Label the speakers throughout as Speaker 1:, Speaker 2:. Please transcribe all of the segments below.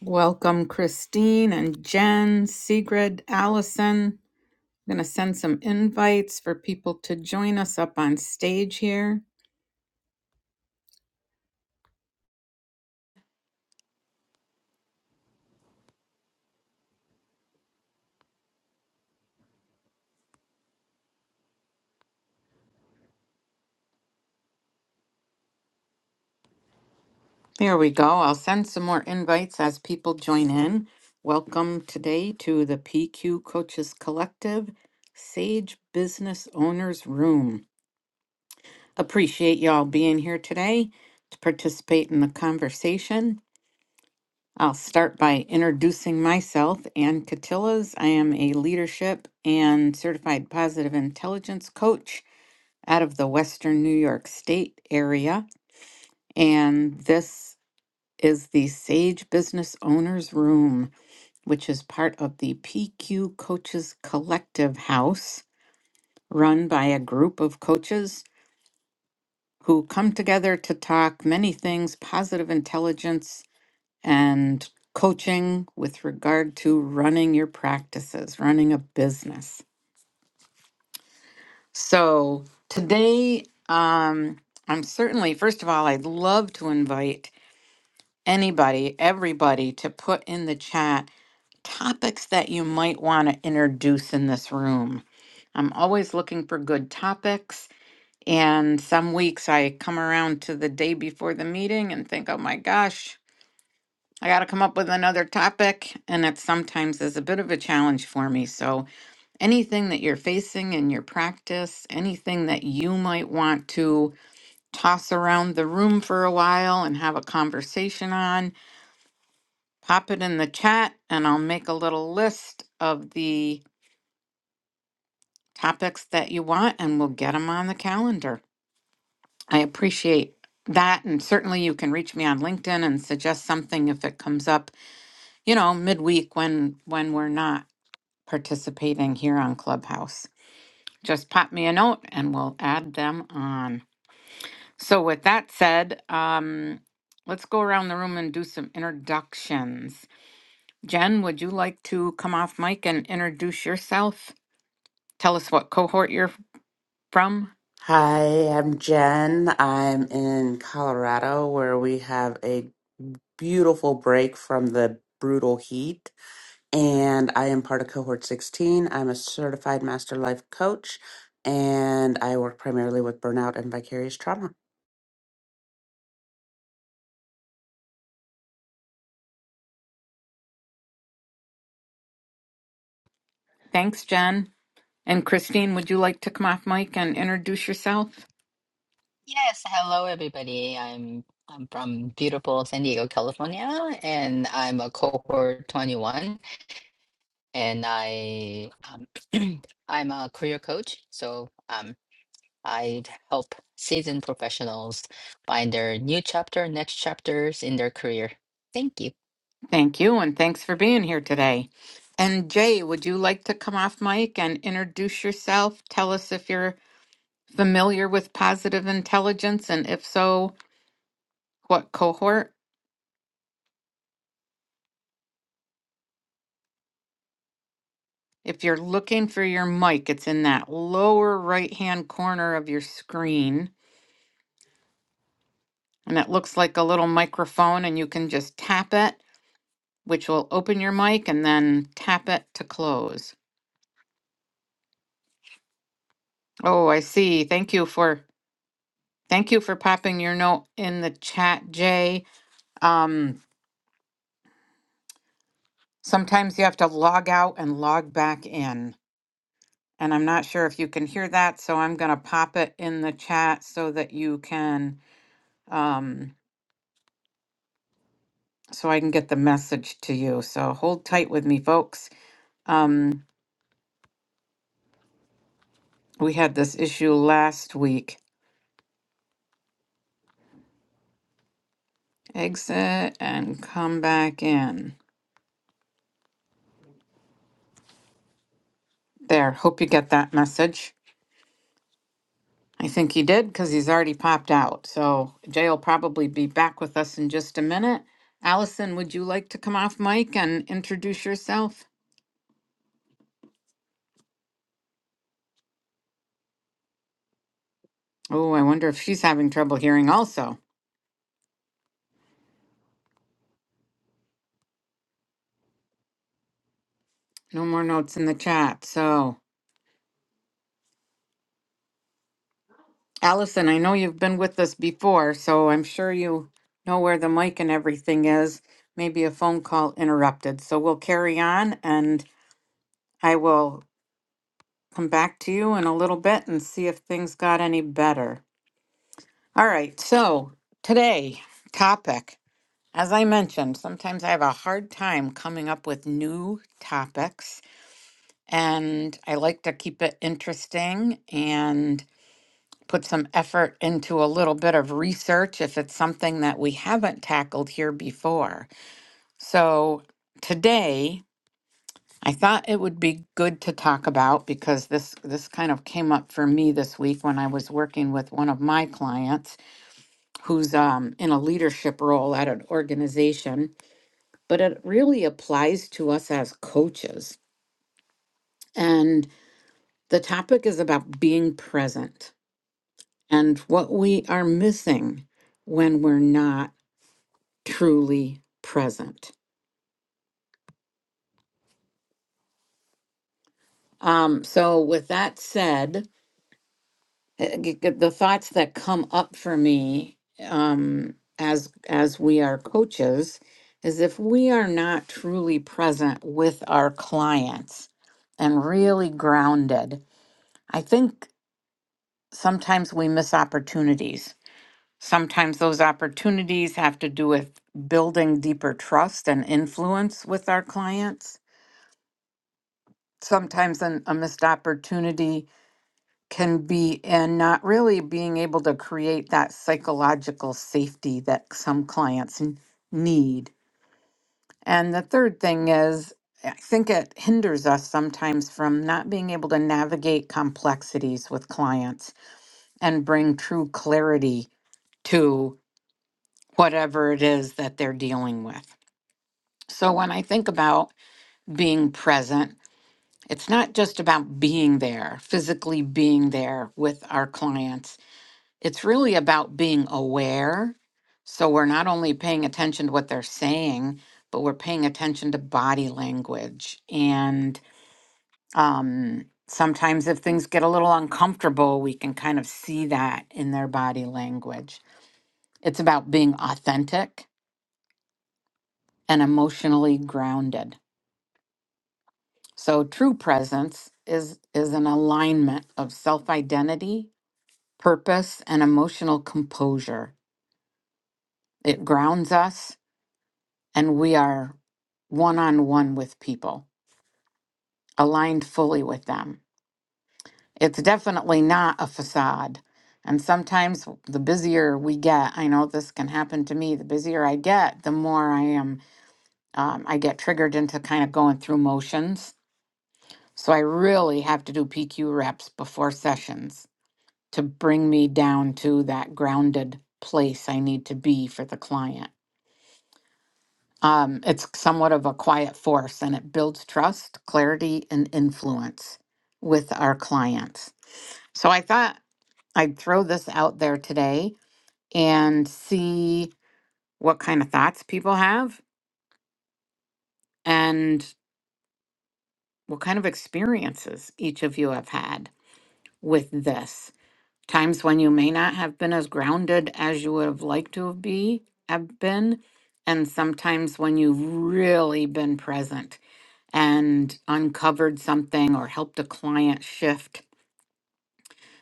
Speaker 1: Welcome, Christine and Jen, Sigrid, Allison. I'm going to send some invites for people to join us up on stage here. There we go. I'll send some more invites as people join in. Welcome today to the PQ Coaches Collective Sage Business Owners Room. Appreciate y'all being here today to participate in the conversation. I'll start by introducing myself, Ann Catillas. I am a leadership and certified positive intelligence coach out of the Western New York State area. And this is the Sage Business Owners Room, which is part of the PQ Coaches Collective House, run by a group of coaches who come together to talk many things positive intelligence and coaching with regard to running your practices, running a business. So today, um, I'm certainly, first of all, I'd love to invite anybody, everybody to put in the chat topics that you might want to introduce in this room. I'm always looking for good topics. And some weeks I come around to the day before the meeting and think, oh my gosh, I got to come up with another topic, and it sometimes is a bit of a challenge for me. So, anything that you're facing in your practice, anything that you might want to toss around the room for a while and have a conversation on, pop it in the chat, and I'll make a little list of the topics that you want, and we'll get them on the calendar. I appreciate that. And certainly you can reach me on LinkedIn and suggest something if it comes up, you know, midweek when when we're not. participating here on Clubhouse. Just pop me a note and we'll add them on. So, with that said, um, let's go around the room and do some introductions. Jen, would you like to come off mic and introduce yourself? Tell us what cohort you're from.
Speaker 2: Hi, I'm Jen. I'm in Colorado where we have a beautiful break from the brutal heat. And I am part of Cohort 16. I'm a certified master life coach and I work primarily with burnout and vicarious trauma.
Speaker 1: Thanks, Jen. And Christine, would you like to come off mic and introduce yourself?
Speaker 3: Yes, hello everybody. I'm I'm from beautiful San Diego, California, and I'm a cohort 21 and I um, I'm a career coach. So um I help seasoned professionals find their new chapter, next chapters in their career. Thank you.
Speaker 1: Thank you, and thanks for being here today. And Jay, would you like to come off mic and introduce yourself? Tell us if you're familiar with positive intelligence? And if so, what cohort? If you're looking for your mic, it's in that lower right hand corner of your screen. And it looks like a little microphone, and you can just tap it, which will open your mic, and then tap it to close. Oh, I see. Thank you for thank you for popping your note in the chat, Jay. Um, sometimes you have to log out and log back in. And I'm not sure if you can hear that, so I'm going to pop it in the chat so that you can, um, so I can get the message to you. So hold tight with me, folks. Um, we had this issue last week. Exit and come back in. There, hope you get that message. I think he did because he's already popped out. So Jay will probably be back with us in just a minute. Allison, would you like to come off mic and introduce yourself? Oh, I wonder if she's having trouble hearing also. No more notes in the chat. So, Allison, I know you've been with us before, so I'm sure you know where the mic and everything is. Maybe a phone call interrupted. So, we'll carry on and I will come back to you in a little bit and see if things got any better. All right. So, today, topic. As I mentioned, sometimes I have a hard time coming up with new topics, and I like to keep it interesting. And put some effort into a little bit of research if it's something that we haven't tackled here before. So today, I thought it would be good to talk about because this this kind of came up for me this week when I was working with one of my clients who's um, in a leadership role at an organization, but it really applies to us as coaches. And the topic is about being present and what we are missing when we're not truly present. Um, so, with that said, uh, g- g- the thoughts that come up for me um, as as we are coaches is if we are not truly present with our clients and really grounded, I think sometimes we miss opportunities. Sometimes those opportunities have to do with building deeper trust and influence with our clients. Sometimes an, a missed opportunity can be and not really being able to create that psychological safety that some clients n- need. And the third thing is, I think it hinders us sometimes from not being able to navigate complexities with clients and bring true clarity to whatever it is that they're dealing with. So when I think about being present, it's not just about being there, physically being there with our clients it's really about being aware. So we're not only paying attention to what they're saying, but we're paying attention to body language. And um, sometimes, if things get a little uncomfortable, we can kind of see that in their body language. It's about being authentic and emotionally grounded. So true presence is is an alignment of self-identity, purpose, and emotional composure. It grounds us and we are one on one with people, aligned fully with them. It's definitely not a facade. And sometimes the busier we get, I know this can happen to me, the busier I get, the more I am, um, I get triggered into kind of going through motions. So I really have to do PQ reps before sessions to bring me down to that grounded place I need to be for the client. Um, it's somewhat of a quiet force and it builds trust, clarity, and influence with our clients. So I thought I'd throw this out there today and see what kind of thoughts people have and what kind of experiences each of you have had with this. Times when you may not have been as grounded as you would have liked to have be have been, and sometimes when you've really been present and uncovered something or helped a client shift.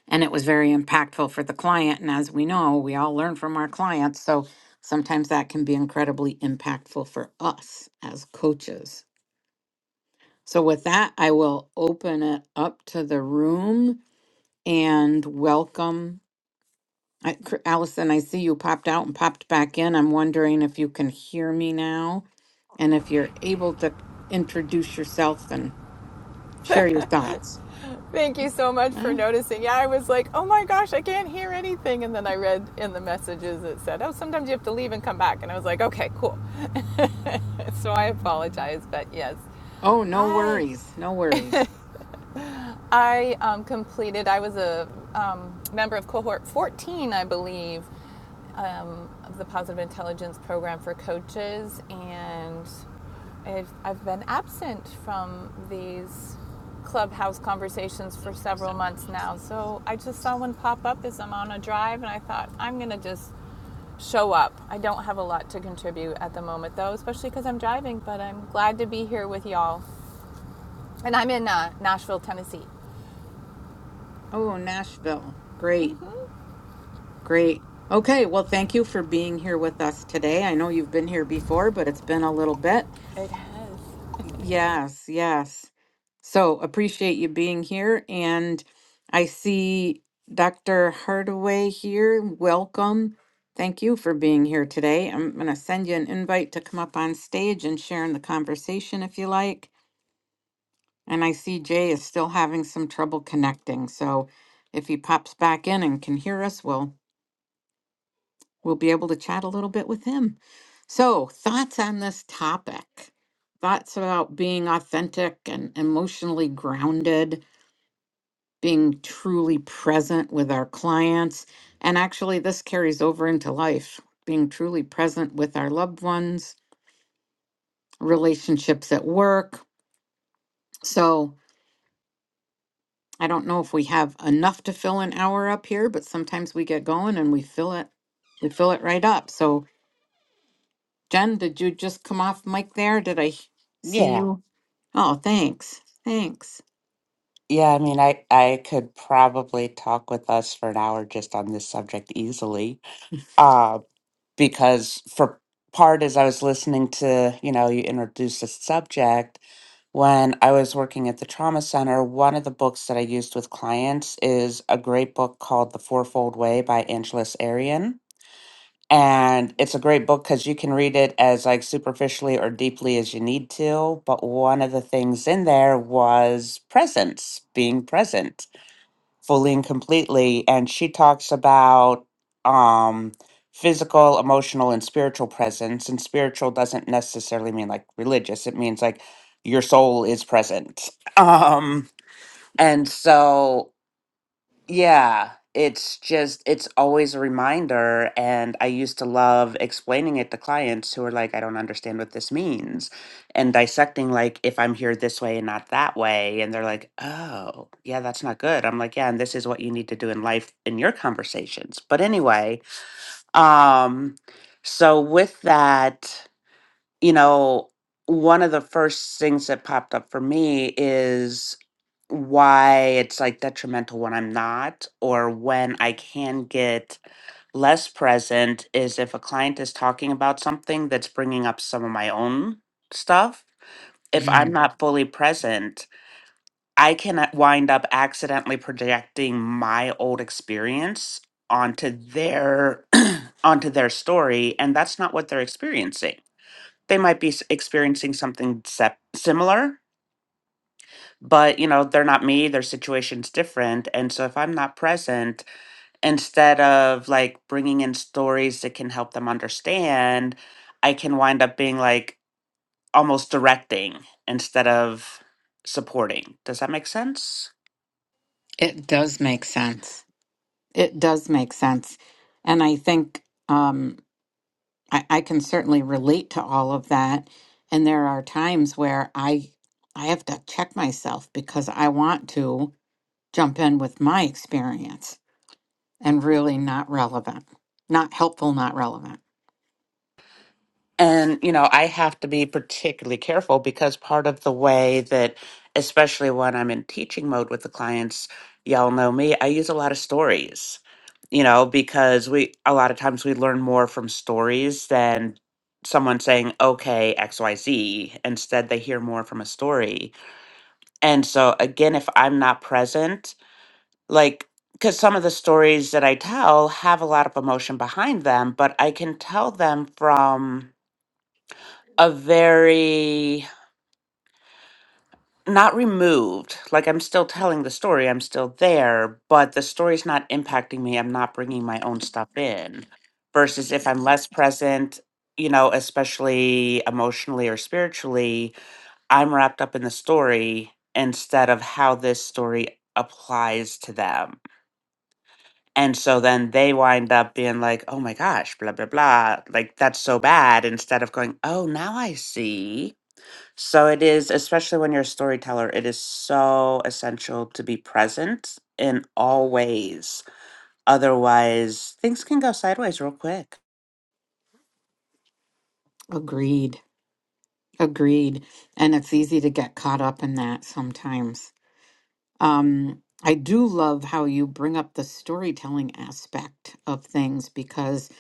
Speaker 1: And it was very impactful for the client. And as we know, we all learn from our clients. So sometimes that can be incredibly impactful for us as coaches. So, with that, I will open it up to the room and welcome. I, Cr- Allison, I see you popped out and popped back in. I'm wondering if you can hear me now and if you're able to introduce yourself and share your thoughts.
Speaker 4: Thank you so much for noticing. Yeah, I was like, oh my gosh, I can't hear anything. And then I read in the messages it said, oh, sometimes you have to leave and come back. And I was like, okay, cool. so I apologize. But yes,
Speaker 1: Oh, no
Speaker 4: I
Speaker 1: worries. No worries.
Speaker 4: I um, completed, I was a um, member of cohort 14, I believe, um, of the Positive Intelligence Program for Coaches, and I've, I've been absent from these clubhouse conversations for several months now. So I just saw one pop up as I'm on a drive, and I thought, I'm going to just show up. I don't have a lot to contribute at the moment, though, especially because I'm driving, but I'm glad to be here with y'all. And I'm in uh, Nashville, Tennessee.
Speaker 1: Oh, Nashville. Great. Great. Okay. Well, thank you for being here with us today. I know you've been here before, but it's been a little bit.
Speaker 4: It has.
Speaker 1: Y- Yes. Yes. So appreciate you being here. And I see Dr. Hardaway here. Welcome. Thank you for being here today. I'm going to send you an invite to come up on stage and share in the conversation if you like. And I see Jay is still having some trouble connecting. So if he pops back in and can hear us, we'll we'll be able to chat a little bit with him. So thoughts on this topic? Thoughts about being authentic and emotionally grounded, being truly present with our clients. And actually this carries over into life, being truly present with our loved ones, relationships at work. So I don't know if we have enough to fill an hour up here, but sometimes we get going and we fill it, we fill it right up. So Jen, did you just come off mic there? Did I h- see
Speaker 2: Yeah.
Speaker 1: you? Oh, thanks. Thanks.
Speaker 2: Yeah, I mean, I, I could probably talk with us for an hour just on this subject easily. Uh, because for part as I was listening to, you know, you introduce the subject, when I was working at the trauma center, one of the books that I used with clients is a great book called The Fourfold Way by Angelus Arian. And it's a great book because you can read it as like superficially or deeply as you need to. But one of the things in there was presence, being present fully and completely and she talks about um physical emotional and spiritual presence and spiritual doesn't necessarily mean like religious it means like your soul is present um and so yeah, it's just, it's always a reminder. And I used to love explaining it to clients who are like, I don't understand what this means. And dissecting, like, if I'm here this way and not that way. And they're like, oh, yeah, that's not good. I'm like, yeah, and this is what you need to do in life in your conversations. But anyway, um, so with that you know, one of the first things that popped up for me is why it's like detrimental when I'm not, or when I can get less present is if a client is talking about something that's bringing up some of my own stuff. If I'm
Speaker 1: Mhm.
Speaker 2: not fully present, I can a- wind up accidentally projecting my old experience onto their onto their story and that's not what they're experiencing they might be s- experiencing something sep- similar but you know they're not me their situation's different and so if i'm not present instead of like bringing in stories that can help them understand i can wind up being like almost directing instead of supporting does that make sense
Speaker 1: It does make sense. It does make sense. And I think um, I, I can certainly relate to all of that. And there are times where I I have to check myself because I want to jump in with my experience and really not relevant. Not helpful, not relevant.
Speaker 2: And, you know, I have to be particularly careful because part of the way that, especially when I'm in teaching mode with the clients, y'all know me, I use a lot of stories, you know, because we, a lot of times we learn more from stories than someone saying, okay, XYZ. Instead, they hear more from a story. And so, again, if I'm not present, like, because some of the stories that I tell have a lot of emotion behind them, but I can tell them from a very not removed like i'm still telling the story i'm still there but the story's not impacting me i'm not bringing my own stuff in versus if i'm less present you know especially emotionally or spiritually i'm wrapped up in the story instead of how this story applies to them and so then they wind up being like oh my gosh blah blah blah like that's so bad instead of going oh now i see So it is, especially when you're a storyteller, it is so essential to be present in all ways. Otherwise, things can go sideways real quick.
Speaker 1: Agreed. Agreed. And it's easy to get caught up in that sometimes. Um, I do love how you bring up the storytelling aspect of things because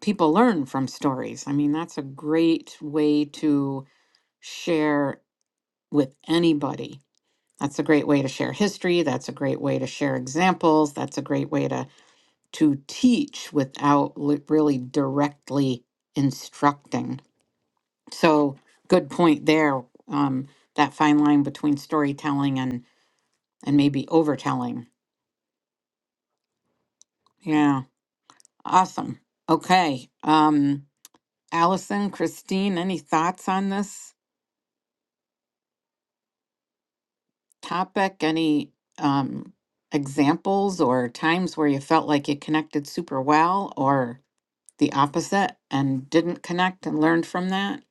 Speaker 1: people learn from stories. I mean, that's a great way to share with anybody. That's a great way to share history. That's a great way to share examples. That's a great way to to teach without li- really directly instructing. So, good point there. Um, that fine line between storytelling and and maybe overtelling. Yeah, awesome. Okay, um, Allison, Christine, any thoughts on this topic? Any um, examples or times where you felt like you connected super well, or the opposite and didn't connect and learned from that?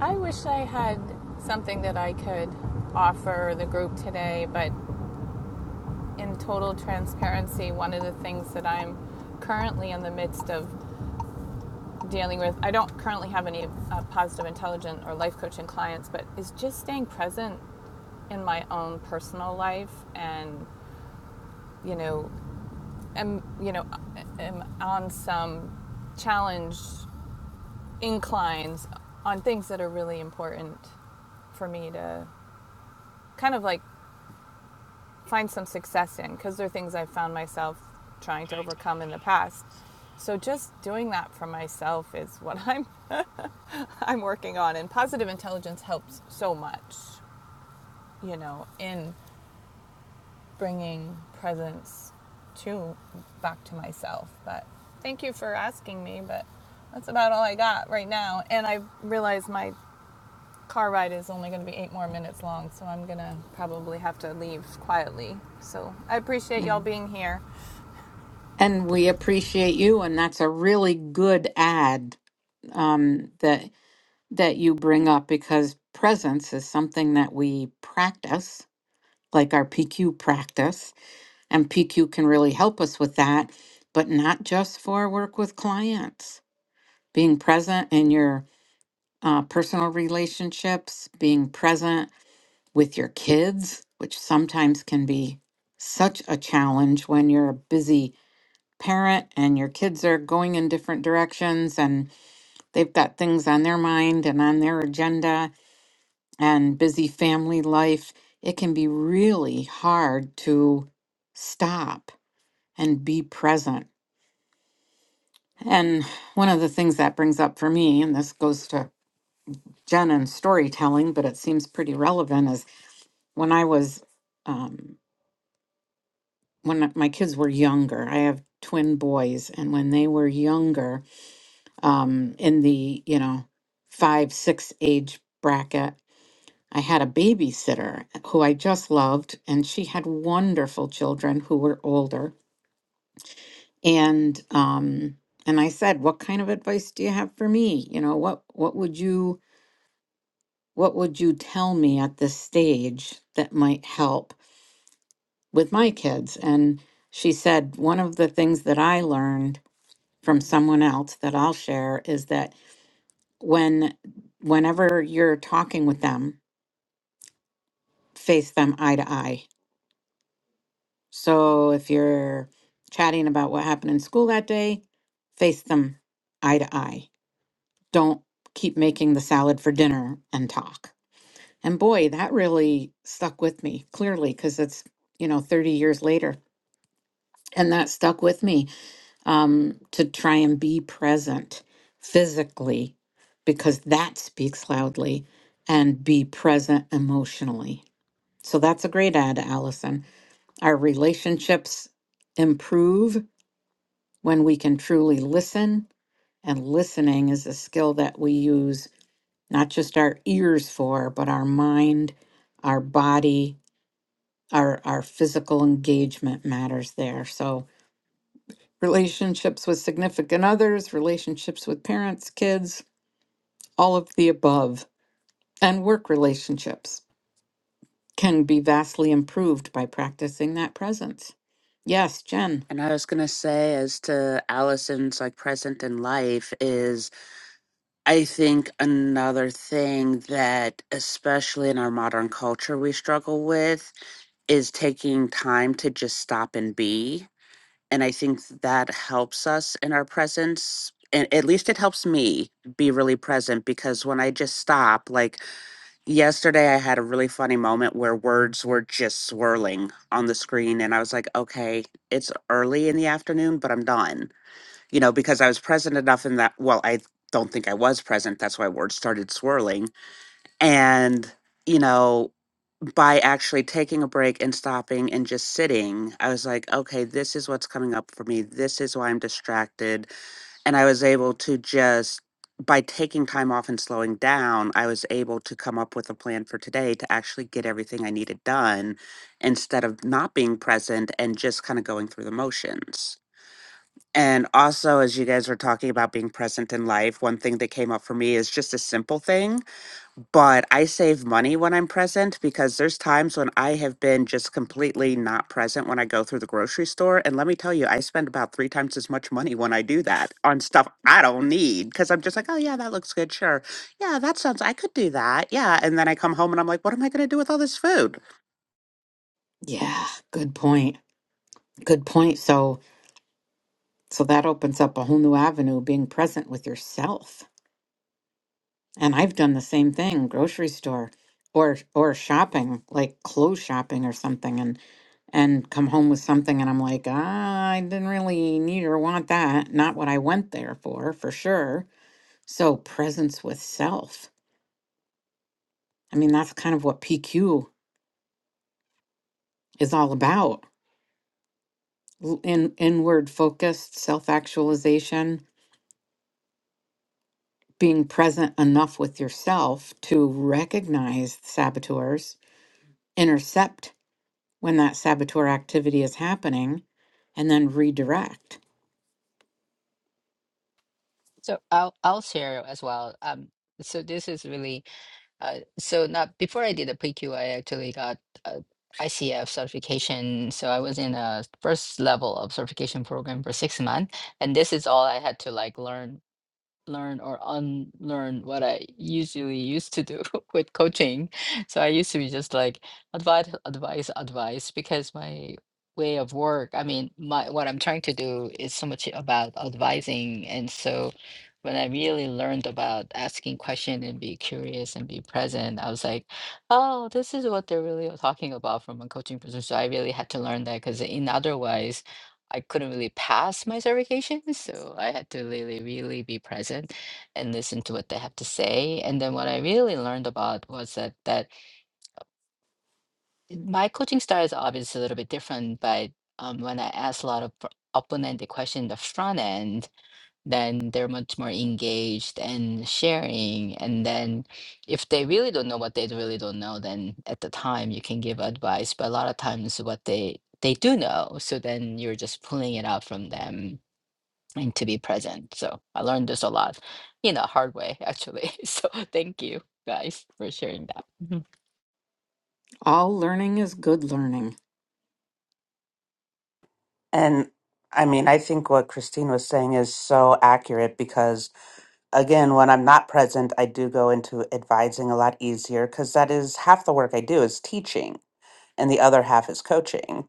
Speaker 4: I wish I had something that I could offer the group today, but in total transparency, one of the things that I'm currently in the midst of dealing with, I don't currently have any uh, positive intelligent or life coaching clients, but is just staying present in my own personal life and, you know, am, you know, am on some challenge inclines on things that are really important for me to kind of like find some success in because they're things I've found myself trying to overcome in the past. So just doing that for myself is what I'm I'm working on and positive intelligence helps so much, you know, in bringing presence to back to myself. But thank you for asking me, but that's about all I got right now. And I realize my car ride is only going to be 8 more minutes long, so I'm going to probably have to leave quietly. So I appreciate
Speaker 1: Yeah.
Speaker 4: y'all being here.
Speaker 1: And we appreciate you, and that's a really good ad um, that that you bring up because presence is something that we practice, like our PQ practice, and PQ can really help us with that, but not just for work with clients. Being present in your uh, personal relationships, being present with your kids, which sometimes can be such a challenge when you're busy parent and your kids are going in different directions and they've got things on their mind and on their agenda and busy family life, it can be really hard to stop and be present. And one of the things that brings up for me, and this goes to Jen and storytelling, but it seems pretty relevant, is when I was, um, when my kids were younger, I have twin boys, and when they were younger, um, in the you know five six age bracket i had a babysitter who i just loved and she had wonderful children who were older and um, and i said what kind of advice do you have for me you know what what would you what would you tell me at this stage that might help with my kids and she said one of the things that i learned from someone else that i'll share is that when whenever you're talking with them, face them eye to eye. So if you're chatting about what happened in school that day, face them eye to eye. Don't keep making the salad for dinner and talk. And boy, that really stuck with me clearly because it's, you know, 30 years later. And that stuck with me um, to try and be present physically because that speaks loudly and be present emotionally So that's a great ad, Allison. Our relationships improve when we can truly listen. And listening is a skill that we use not just our ears for, but our mind, our body, our, our physical engagement matters there. So, relationships with significant others, relationships with parents, kids, all of the above, and work relationships can be vastly improved by practicing that presence. Yes, Jen.
Speaker 2: And I was going to say, as to Allison's like present in life, is I think another thing that, especially in our modern culture, we struggle with is taking time to just stop and be and I think that helps us in our presence. And at least it helps me be really present because when I just stop, like yesterday, I had a really funny moment where words were just swirling on the screen. And I was like, okay, it's early in the afternoon, but I'm done, you know, because I was present enough in that. Well, I don't think I was present. That's why words started swirling. And, you know, by actually taking a break and stopping and just sitting, I was like, okay, this is what's coming up for me. This is why I'm distracted. And I was able to just, by taking time off and slowing down, I was able to come up with a plan for today to actually get everything I needed done instead of not being present and just kind of going through the motions. And also, as you guys were talking about being present in life, one thing that came up for me is just a simple thing but I save money when I'm present because there's times when I have been just completely not present when I go through the grocery store. And let me tell you, I spend about three times as much money when I do that on stuff I don't need because I'm just like, oh, yeah, that looks good. Sure. Yeah, that sounds, I could do that. Yeah. And then I come home and I'm like, what am I going to do with all this food?
Speaker 1: Yeah, good point. Good point. So so that opens up a whole new avenue being present with yourself. And I've done the same thing, grocery store or or shopping, like clothes shopping or something and and come home with something and I'm like, ah, I didn't really need or want that. Not what I went there for, for sure. So presence with self. I mean, that's kind of what PQ is all about. l- In inward focused self-actualization being present enough with yourself to recognize saboteurs, intercept when that saboteur activity is happening, and then redirect.
Speaker 3: So I'll I'll share as well. Um so this is really Uh, so now before I did the PQ, I actually got uh ICF certification. So I was in a first level of certification program for six months, and this is all I had to like learn learn or unlearn what I usually used to do with coaching. So I used to be just like advice, advice, advice, because my way of work, I mean, my what I'm trying to do is so much about advising. And so when I really learned about asking question and be curious and be present, I was like, oh, this is what they're really talking about from a coaching perspective. So I really had to learn that because in otherwise I couldn't really pass my certification, so I had to really, really be present and listen to what they have to say. And then what I really learned about was that that my coaching style is obviously a little bit different, but um, when I ask a lot of open-ended questions in the front end, then they're much more engaged and sharing. And then if they really don't know what they really don't know, then at the time you can give advice. But a lot of times what they they do know, so then you're just pulling it out from them and to be present. So I learned this a lot in a hard way, actually. So thank you guys for sharing that. Mhm.
Speaker 1: All learning is good learning.
Speaker 2: And I mean, I think what Christine was saying is so accurate because, again, when I'm not present, I do go into advising a lot easier because that is half the work I do is teaching. and the other half is coaching.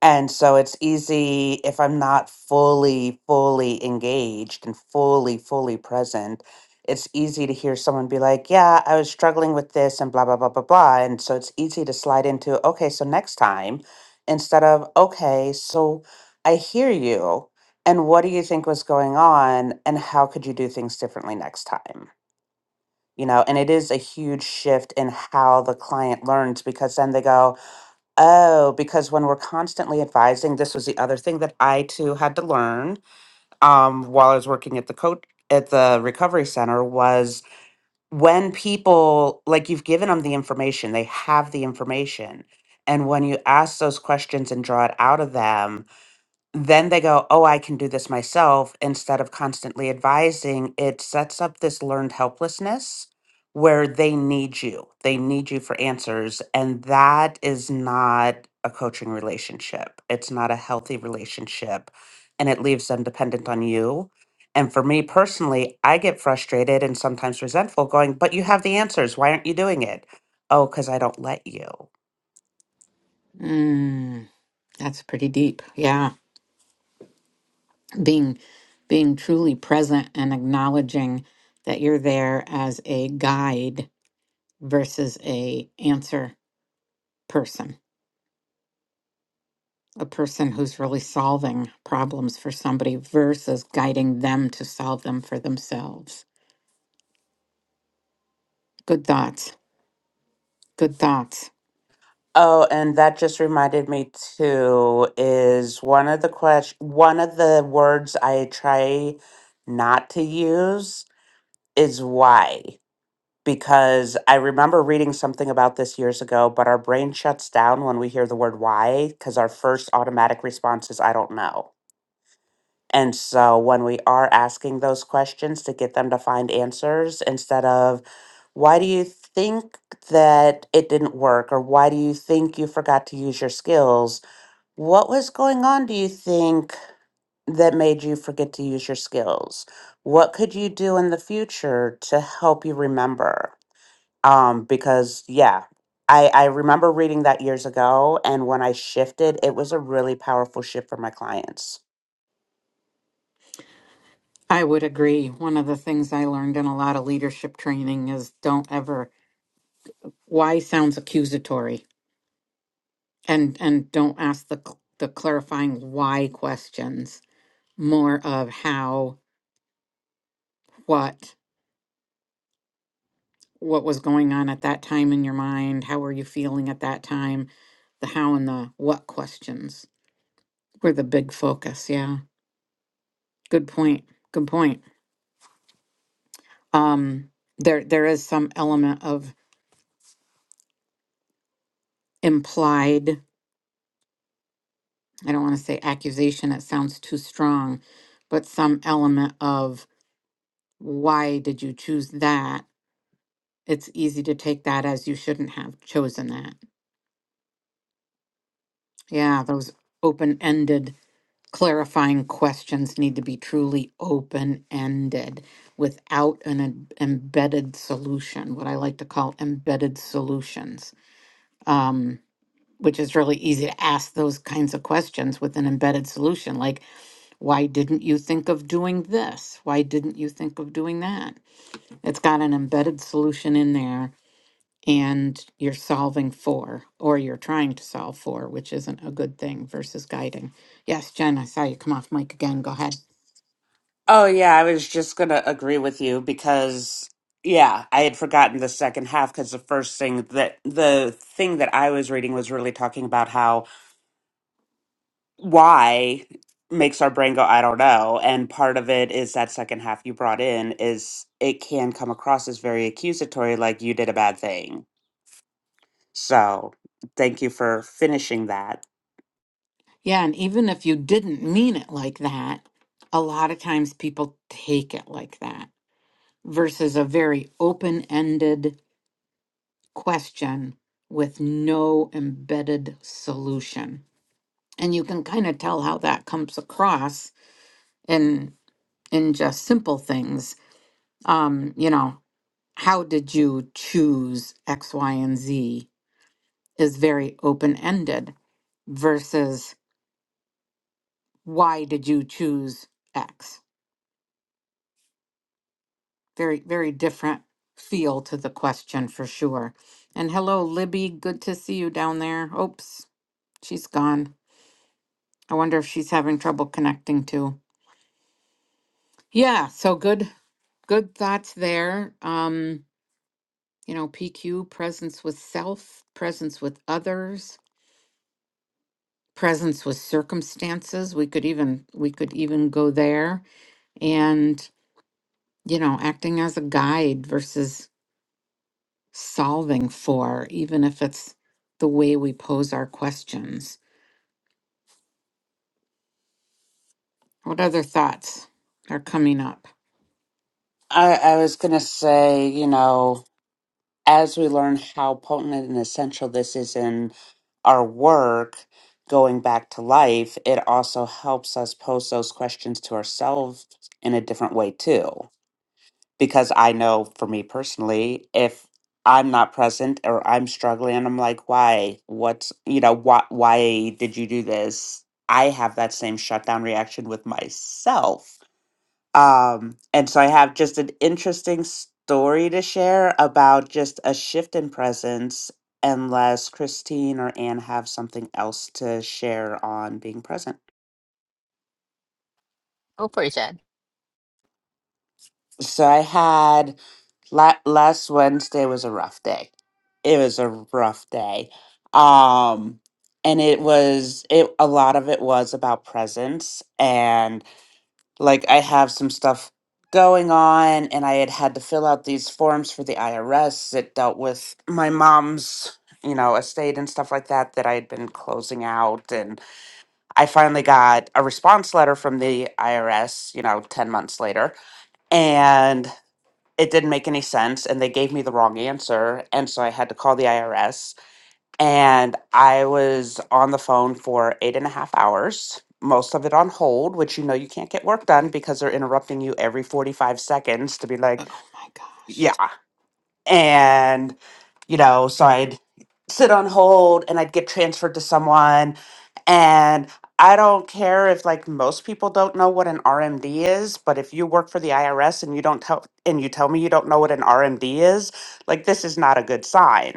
Speaker 2: And so it's easy if I'm not fully, fully engaged and fully, fully present, it's easy to hear someone be like, Yeah, I was struggling with this and blah, blah, blah, blah, blah. And so it's easy to slide into, Okay, so next time, instead of, Okay, so I hear you. And what do you think was going on? And how could you do things differently next time? You know, and it is a huge shift in how the client learns because then they go, Oh, because when we're constantly advising, this was the other thing that I too had to learn um, while I was working at the coach at the recovery center was when people like you've given them the information, they have the information, and when you ask those questions and draw it out of them, then they go, Oh, I can do this myself. Instead of constantly advising, it sets up this learned helplessness where they need you. They need you for answers. And that is not a coaching relationship, it's not a healthy relationship. And it leaves them dependent on you. And for me personally, I get frustrated and sometimes resentful going, But you have the answers. Why aren't you doing it? Oh, because I don't let you.
Speaker 1: Mm, that's pretty deep. Yeah, being being truly present and acknowledging that you're there as a guide versus a answer person. a person who's really solving problems for somebody versus guiding them to solve them for themselves. Good thoughts. Good thoughts.
Speaker 2: Oh, and that just reminded me too, is one of the question, one of the words I try not to use is why. Because I remember reading something about this years ago, but our brain shuts down when we hear the word why, because our first automatic response is, I don't know. And so when we are asking those questions to get them to find answers instead of, why do you think that it didn't work? Or why do you think you forgot to use your skills? What was going on, do you think, that made you forget to use your skills? What could you do in the future to help you remember? Um, because, yeah, I, I remember reading that years ago. And when I shifted, it was a really powerful shift for my clients
Speaker 1: I would agree. One of the things I learned in a lot of leadership training is don't ever why sounds accusatory and and don't ask the cl- the clarifying why questions. More of how, what, what was going on at that time in your mind, how were you feeling at that time, the how and the what questions were the big focus. Yeah. Good point. Good point. Um, there there is some element of implied, I don't want to say accusation, it sounds too strong, but some element of why did you choose that? It's easy to take that as you shouldn't have chosen that. Yeah, those open-ended clarifying questions need to be truly open-ended without an em- embedded solution, what I like to call embedded solutions. Um, which is really easy to ask those kinds of questions with an embedded solution like why didn't you think of doing this why didn't you think of doing that it's got an embedded solution in there and you're solving for or you're trying to solve for which isn't a good thing versus guiding yes jen i saw you come off mic again go ahead
Speaker 2: Oh, yeah, I was just going to agree with you because, yeah, I had forgotten the second half because the first thing that the thing that I was reading was really talking about how why makes our brain go, I don't know. And part of it is that second half you brought in is it can come across as very accusatory, like you did a bad thing. So thank you for finishing that.
Speaker 1: yeah and even if you didn't mean it like that a lot of times people take it like that versus a very open-ended question with no embedded solution. And you can kind of tell how that comes across in in just simple things. Um, you know, how did you choose X, Y, and Z is very open-ended versus why did you choose X? Very, very different feel to the question for sure. And hello, Libby. Good to see you down there. Oops, she's gone. I wonder if she's having trouble connecting too. Yeah, so good good thoughts there. Um, you know, PQ presence with self, presence with others, presence with circumstances. We could even we could even go there and you know, acting as a guide versus solving for even if it's the way we pose our questions. What other thoughts are coming up?
Speaker 2: I, I was going to say, you know. as we learn how potent and essential this is in our work going back to life, it also helps us pose those questions to ourselves in a different way, too. Because I know for me personally, if I'm not present or I'm struggling and I'm like, why? What's, you know, why, why did you do this? I have that same shutdown reaction with myself um, and so I have just an interesting story to share about just a shift in presence, unless Christine or Anne have something else to share on being present.
Speaker 3: Go for it, Shan.
Speaker 2: So I had la- last Wednesday was a rough day. It was a rough day. Um, and it was it a lot of it was about presence like I have some stuff going on and I had had to fill out these forms for the IRS that dealt with my mom's, you know, estate and stuff like that that I had been closing out and I finally got a response letter from the IRS, you know, 10 months later and it didn't make any sense and they gave me the wrong answer and so I had to call the IRS and I was on the phone for eight and a half hours, most of it on hold, which you know you can't get work done because they're interrupting you every 45 seconds to be like,
Speaker 1: Oh my
Speaker 2: yeah. And, you know, so I'd sit on hold and I'd get transferred to someone. And I don't care if like most people don't know what an RMD is, but if you work for the IRS and you don't tell and you tell me you don't know what an RMD is, like this is not a good sign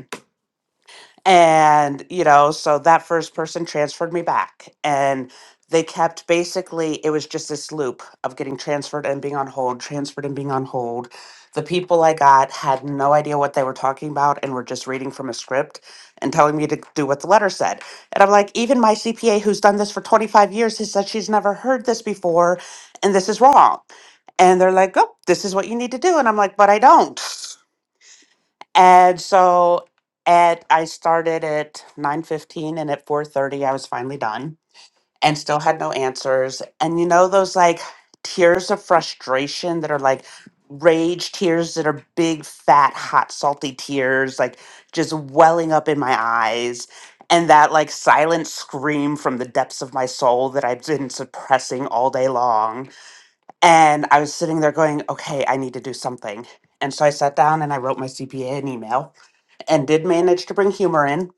Speaker 2: and, you know, so that first person transferred me back. And they kept basically, it was just this loop of getting transferred and being on hold, transferred and being on hold. The people I got had no idea what they were talking about and were just reading from a script and telling me to do what the letter said. And I'm like, even my CPA, who's done this for 25 years, has said she's never heard this before and this is wrong. And they're like, oh, this is what you need to do. And I'm like, but I don't. And so at I started at 9:15 and at 4:30 I was finally done and still had no answers. And you know those like tears of frustration that are like rage tears that are big fat hot salty tears like just welling up in my eyes and that like silent scream from the depths of my soul that I've been suppressing all day long. And I was sitting there going, "Okay, I need to do something." And so I sat down and I wrote my CPA an email and did manage to bring humor in.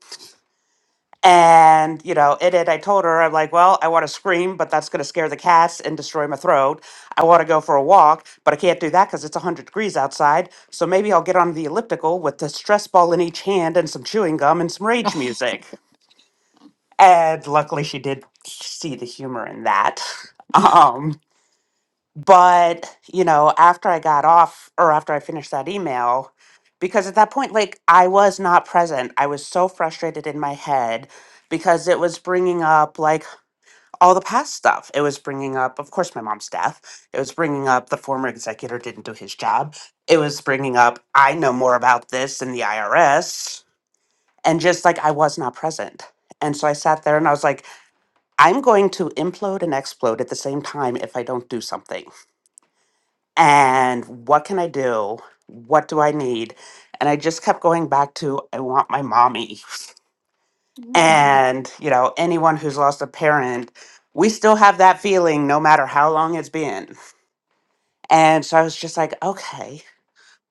Speaker 2: And, you know, in it I told her, I'm like, well, I want to scream, but that's going to scare the cats and destroy my throat. I want to go for a walk, but I can't do that because it's 100 degrees outside. So maybe I'll get on the elliptical with the stress ball in each hand and some chewing gum and some rage music. And luckily, she did see the humor in that. Um, but, you know, after I got off or after I finished that email, because at that point, like, I was not present. I was so frustrated in my head because it was bringing up, like, all the past stuff. It was bringing up, of course, my mom's death. It was bringing up the former executor didn't do his job. It was bringing up, I know more about this than the IRS. And just like, I was not present. And so I sat there and I was like, I'm going to implode and explode at the same time if I don't do something and what can I do? What do I need? And I just kept going back to, I want my mommy.
Speaker 1: gosh.
Speaker 2: And, you know, anyone who's lost a parent, we still have that feeling no matter how long it's been. And so I was just like, okay,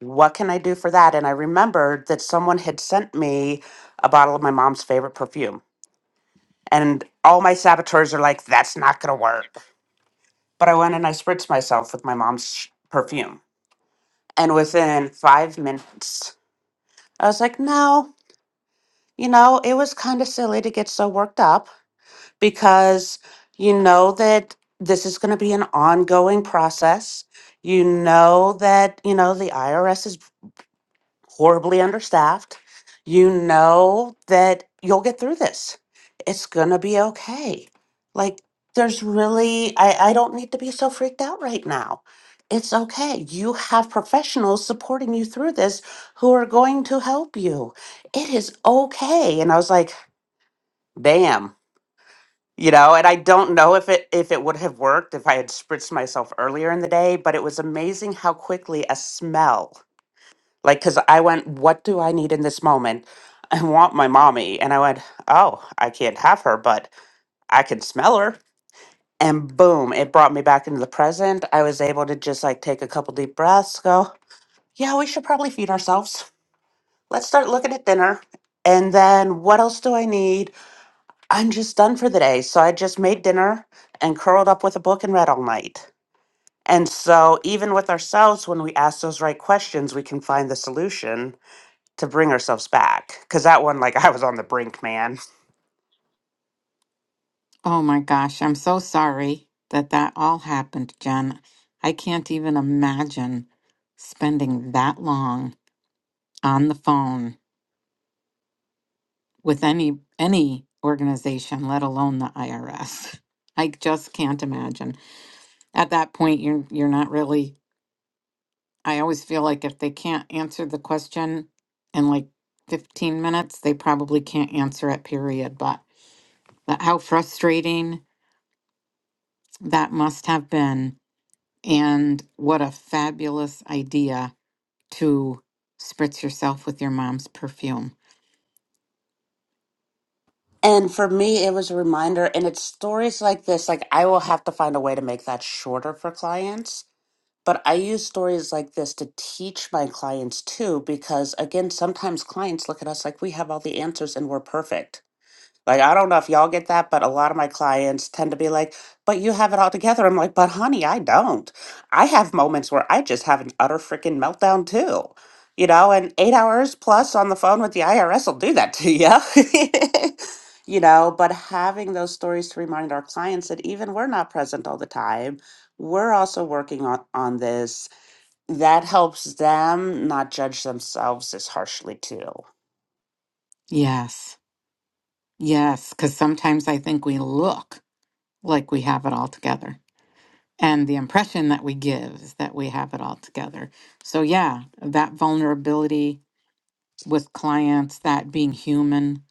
Speaker 2: what can I do for that? And I remembered that someone had sent me a bottle of my mom's favorite perfume. And all my saboteurs are like, that's not going to work. But I went and I spritzed myself with my mom's perfume. And within five minutes, I was like, no, you know, it was kind of silly to get so worked up because you know that this is going to be an ongoing process. You know that, you know, the IRS is horribly understaffed. You know that you'll get through this. It's going to be okay. Like, there's really, I, I don't need to be so freaked out right now. It's okay. You have professionals supporting you through this who are going to help you. It is okay. And I was like, damn. You know, and I don't know if it if it would have worked if I had spritzed myself earlier in the day, but it was amazing how quickly a smell like, cause I went, what do I need in this moment? I want my mommy. And I went, oh, I can't have her, but I can smell her. And boom, it brought me back into the present. I was able to just like take a couple deep breaths, go, yeah, we should probably feed ourselves. Let's start looking at dinner. And then what else do I need? I'm just done for the day. So I just made dinner and curled up with a book and read all night. And so, even with ourselves, when we ask those right questions, we can find the solution to bring ourselves back. Because that one, like, I was on the brink, man.
Speaker 1: Oh my gosh, I'm so sorry that that all happened, Jen. I can't even imagine spending that long on the phone with any any organization, let alone the IRS. I just can't imagine. At that point, you're you're not really I always feel like if they can't answer the question in like 15 minutes, they probably can't answer it period, but that, how frustrating that must have been And what a fabulous idea to spritz yourself with your mom's perfume.
Speaker 2: And for me, it was a reminder. And it's stories like this. Like, I will have to find a way to make that shorter for clients. But I use stories like this to teach my clients too, because again, sometimes clients look at us like we have all the answers and we're perfect Like, I don't know if y'all get that, but a lot of my clients tend to be like, but you have it all together. I'm like, but honey, I don't. I have moments where I just have an utter freaking meltdown too. You know, and eight hours plus on the phone with the IRS will do that to you. you know, but having those stories to remind our clients that even we're not present all the time, we're also working on, on this. That helps them not judge themselves as harshly too.
Speaker 1: Yes, yes, because sometimes I think we look like we have it all together. And the impression that we give is that we have it all together. So, yeah, that vulnerability. with clients, that being human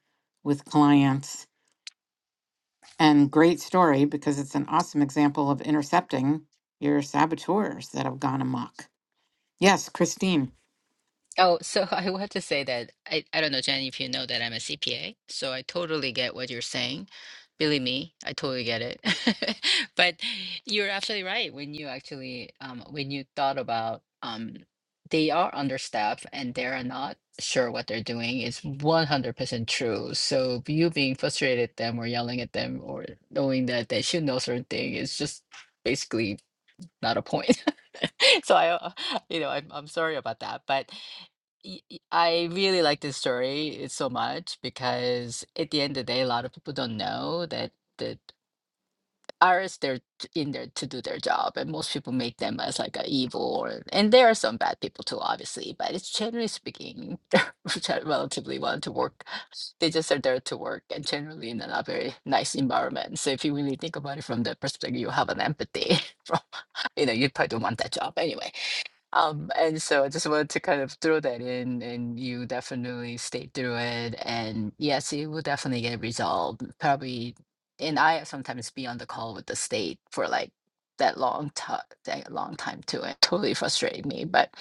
Speaker 1: with clients. And great story because it's an awesome example of intercepting your saboteurs that have gone amok. Yes, Christine,
Speaker 3: Oh, so I want to say that I, I don't know, Jen, if you know that I'm a CPA, so I totally get what you're saying. Believe me, I totally get it. But you're absolutely right when you actually um, when you thought about um, they are understaffed and they're not sure what they're doing is 100% true. So you being frustrated at them or yelling at them or knowing that they should know certain thing is just basically not a point. So I, uh, you know, I'm I'm sorry about that, but y- y- I really like this story it's so much because at the end of the day, a lot of people don't know that that artists they're t- in there to do their job, and most people make them as like a evil or and there are some bad people too, obviously, but it's generally speaking, which are relatively want to work. They just are there to work and generally in a not very nice environment. So if you really think about it from that perspective, you have an empathy from you know, you probably don't want that job anyway um, and so I just wanted to kind of throw that in, and you definitely stayed through it. And yes, it will definitely get resolved. Probably, and I sometimes be on the call with the state for like that long time, that long time too. It totally frustrated me, but.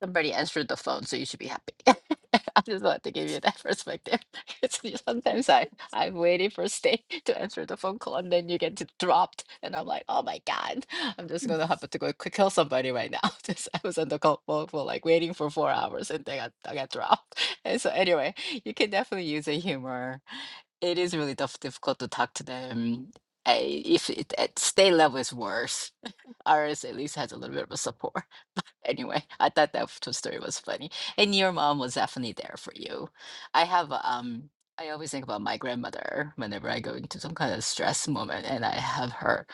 Speaker 3: Somebody answered the phone, so you should be happy. I just want to give you that perspective. 'Cause you- Sometimes I, I'm waiting for Stay to answer the phone call and then you get d- dropped. And I'm like, oh my God, I'm just going to happen to go quick kill somebody right now. Just, I was on the call phone for like waiting for four hours and then I, got, I got dropped. And so, anyway, you can definitely use a humor. It is really tough, difficult to talk to them. I, if it, at Stay level is worse, ours at least has a little bit of a support. Anyway, I thought that f- story was funny. And your mom was definitely there for you. I have, um, I always think about my grandmother whenever I go into some kind of stress moment, and I have her,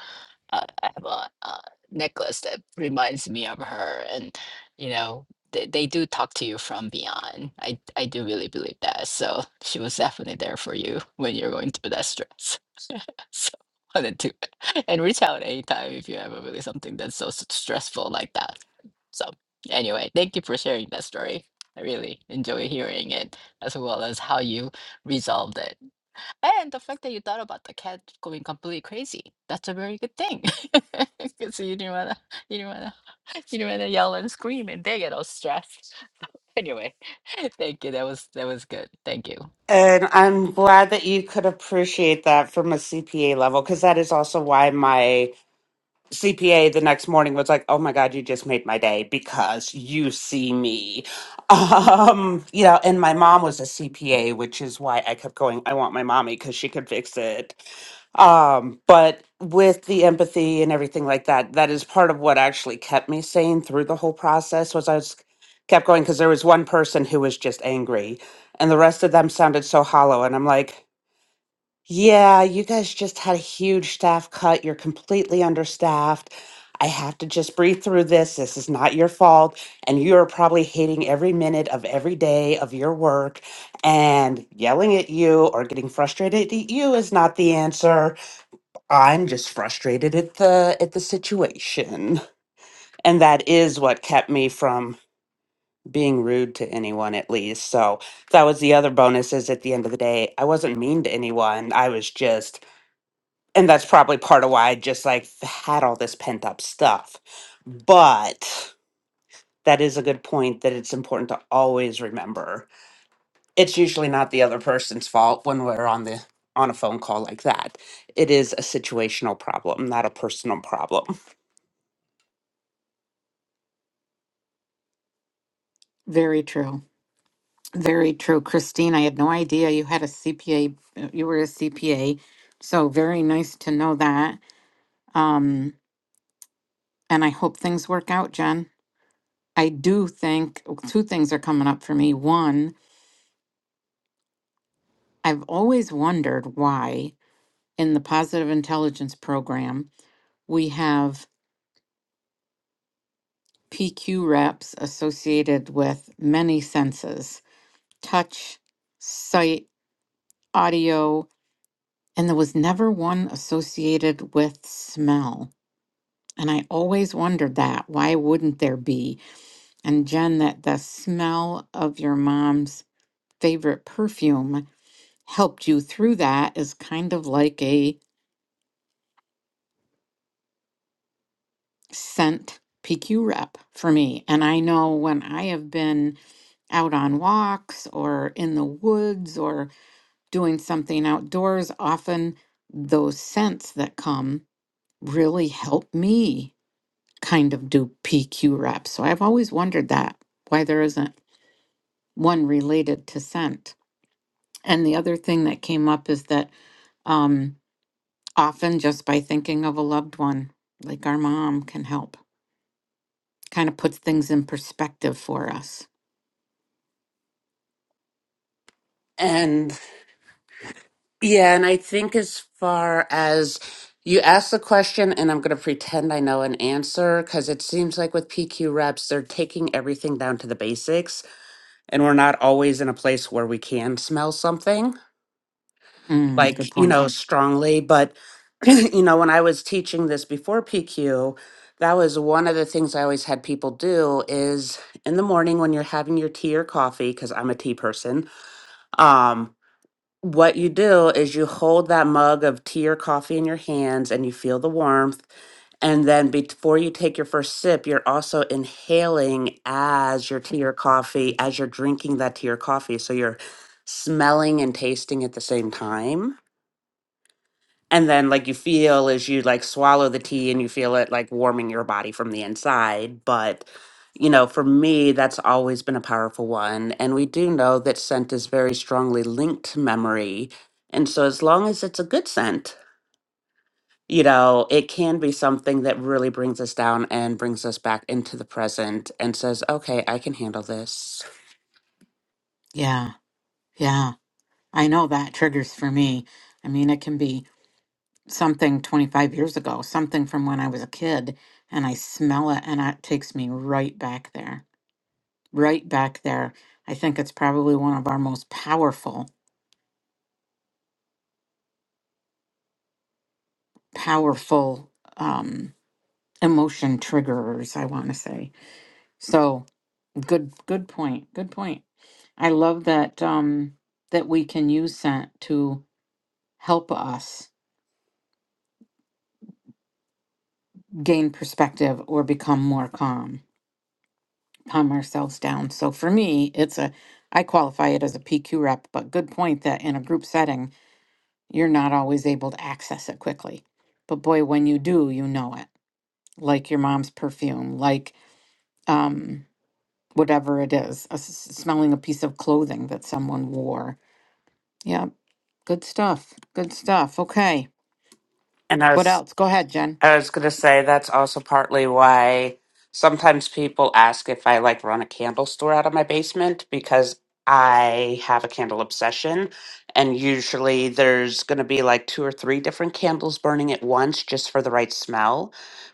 Speaker 3: uh, I have a, uh necklace that reminds me of her. And, you know, they, they do talk to you from beyond. I, I do really believe that. So she was definitely there for you when you're going through that stress. So I didn't do it. And reach out anytime if you have a really something that's so s- stressful like that. So anyway, thank you for sharing that story. I really enjoy hearing it as well as how you resolved it. And the fact that you thought about the cat going completely crazy. That's a very good thing. Because you didn't wanna you didn't wanna you didn't wanna yell and scream and they get all stressed. Anyway, thank you. That was that was good. Thank you.
Speaker 2: And I'm glad that you could appreciate that from a CPA level, because that is also why my CPA the next morning was like, "Oh my god, you just made my day because you see me." Um, you know, and my mom was a CPA, which is why I kept going, "I want my mommy because she could fix it." Um, but with the empathy and everything like that, that is part of what actually kept me sane through the whole process was I was kept going because there was one person who was just angry and the rest of them sounded so hollow and I'm like yeah, you guys just had a huge staff cut. You're completely understaffed. I have to just breathe through this. This is not your fault. And you are probably hating every minute of every day of your work. And yelling at you or getting frustrated at you is not the answer. I'm just frustrated at the at the situation. And that is what kept me from being rude to anyone at least. So that was the other bonus is at the end of the day, I wasn't mean to anyone. I was just and that's probably part of why I just like had all this pent up stuff. But that is a good point that it's important to always remember. It's usually not the other person's fault when we're on the on a phone call like that. It is a situational problem, not a personal problem.
Speaker 1: very true. Very true. Christine, I had no idea you had a CPA, uh, you were a CPA. So very nice to know that. Um, and I hope things work out, Jen. I do think oh, two things are coming up for me. One, I've always wondered why in the positive intelligence program we have PQ reps associated with many senses touch, sight, audio, and there was never one associated with smell. And I always wondered that. Why wouldn't there be? And Jen, that the smell of your mom's favorite perfume helped you through that is kind of like a scent PQ rep for me. And I know when I have been out on walks or in the woods or doing something outdoors, often those scents that come really help me kind of do PQ reps. So I've always wondered that why there isn't one related to scent. And the other thing that came up is that um, often just by thinking of a loved one, like our mom, can help. kind of puts things in perspective for us.
Speaker 2: And Yeah, and I think as far as you ask the question, and I'm going to pretend I know an answer because it seems like with PQ reps, they're taking everything down to the basics, and we're not always in a place where we can smell something
Speaker 1: Mm, good
Speaker 2: like, you
Speaker 1: point.
Speaker 2: know, strongly. But, you know, when I was teaching this before PQ, that was one of the things I always had people do is in the morning when you're having your tea or coffee, because I'm a tea person, um, what you do is you hold that mug of tea or coffee in your hands and you feel the warmth. And then before you take your first sip, you're also inhaling as your tea or coffee, as you're drinking that tea or coffee. So you're smelling and tasting at the same time and then like you feel as you like swallow the tea and you feel it like warming your body from the inside but you know for me that's always been a powerful one and we do know that scent is very strongly linked to memory and so as long as it's a good scent you know it can be something that really brings us down and brings us back into the present and says okay i can handle this
Speaker 1: Yeah, yeah. I know that triggers for me. I mean, it can be something 25 years ago, something from when I was a kid, and I smell it and it takes me right back there. right back there. I think it's probably one of our most powerful, powerful um, emotion triggerers. I want to say so. Good, good point. Good point. I love that um, that we can use scent to help us gain perspective or become more calm, calm ourselves down. So for me, it's a I qualify it as a PQ rep, but good point that in a group setting, you're not always able to access it quickly. But boy, when you do, you know it like your mom's perfume, like um, whatever it is, a s- smelling a piece of clothing that someone wore. Yeah, good stuff. Good stuff. Okay.
Speaker 2: and I
Speaker 1: What
Speaker 2: was
Speaker 1: else? Go ahead, Jen.
Speaker 2: I was gonna say that's also partly why sometimes people ask if I like run a candle store out of my basement because I have a candle obsession and usually there's gonna be like two or three different candles burning at once just for the right smell.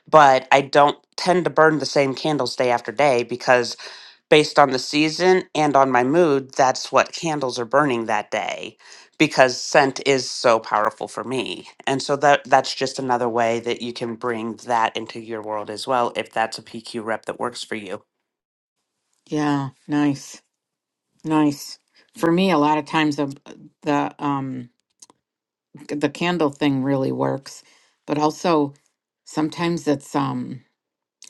Speaker 2: But I don't tend to burn the same candles day after day because based on the season and on my mood, that's what candles are burning that day because scent is so powerful for me. And so that that's just another way that you can bring that into your world as well if that's a PQ rep that works for you.
Speaker 1: Yeah, nice. Nice. For me, a lot of times the the um the candle thing really works, but also sometimes it's um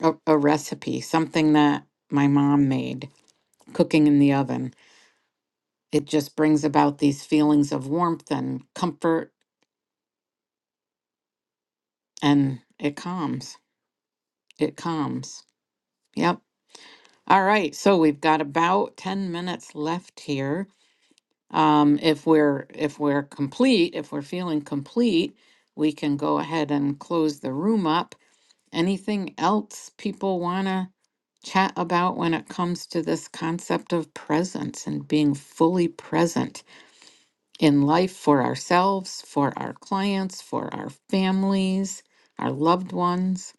Speaker 1: a, a recipe, something that my mom made, cooking in the oven. It just brings about these feelings of warmth and comfort and it calms. It calms. Yep. All right. So we've got about 10 minutes left here. Um, if we're if we're complete, if we're feeling complete, we can go ahead and close the room up. Anything else people want to chat about when it comes to this concept of presence and being fully present in life for ourselves, for our clients, for our families, our loved ones?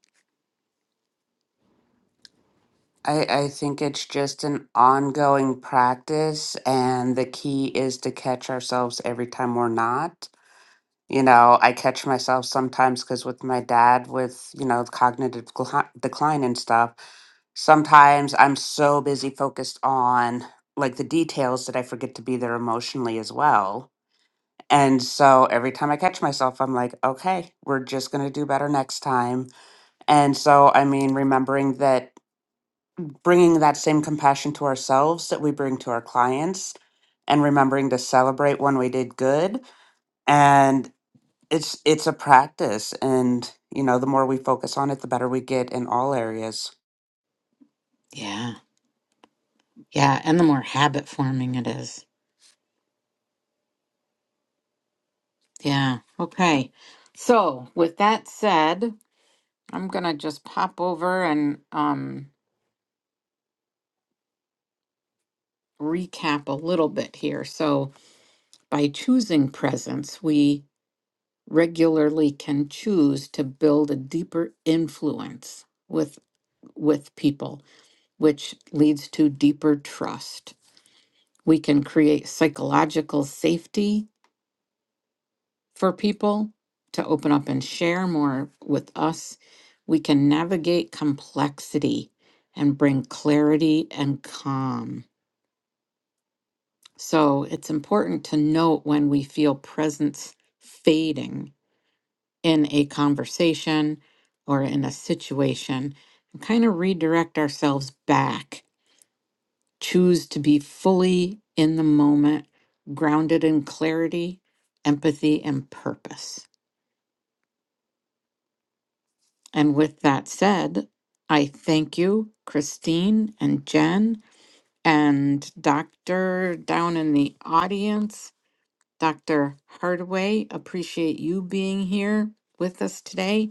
Speaker 2: I, I think it's just an ongoing practice and the key is to catch ourselves every time we're not You know, I catch myself sometimes because with my dad, with, you know, cognitive gl- decline and stuff, sometimes I'm so busy focused on like the details that I forget to be there emotionally as well. And so every time I catch myself, I'm like, okay, we're just going to do better next time. And so, I mean, remembering that bringing that same compassion to ourselves that we bring to our clients and remembering to celebrate when we did good. And it's it's a practice and you know the more we focus on it the better we get in all areas
Speaker 1: Yeah. Yeah, and the more habit forming it is. Yeah. Okay. So, with that said, I'm going to just pop over and um, recap a little bit here. So, by choosing presence, we regularly can choose to build a deeper influence with with people which leads to deeper trust we can create psychological safety for people to open up and share more with us. We can navigate complexity and bring clarity and calm. So it's important to note when we feel presence fading in a conversation or in a situation and kind of redirect ourselves back. Choose to be fully in the moment, grounded in clarity, empathy, and purpose. And with that said, I thank you, Christine and Jen, and Dr. down in the audience, Dr. Hardaway. Appreciate you being here with us today.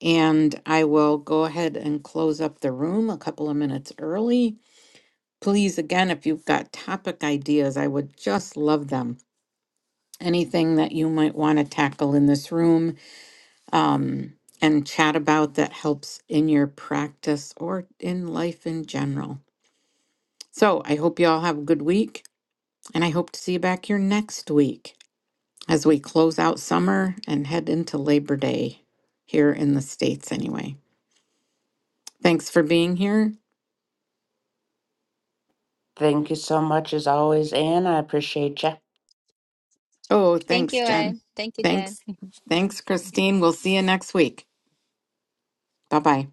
Speaker 1: And I will go ahead and close up the room a couple of minutes early. Please, again, if you've got topic ideas, I would just love them. Anything that you might want to tackle in this room, um, and chat about that helps in your practice or in life in general. So I hope you all have a good week, and I hope to see you back here next week as we close out summer and head into Labor Day here in the States, anyway. Thanks for being here.
Speaker 2: thank you so much as always anne i appreciate you
Speaker 1: Oh,
Speaker 3: Thank
Speaker 1: thanks,
Speaker 3: you,
Speaker 1: Jen.
Speaker 3: Anne. Thank you, Jen.
Speaker 1: Thanks. Thanks, Christine. We'll see you next week. Bye bye.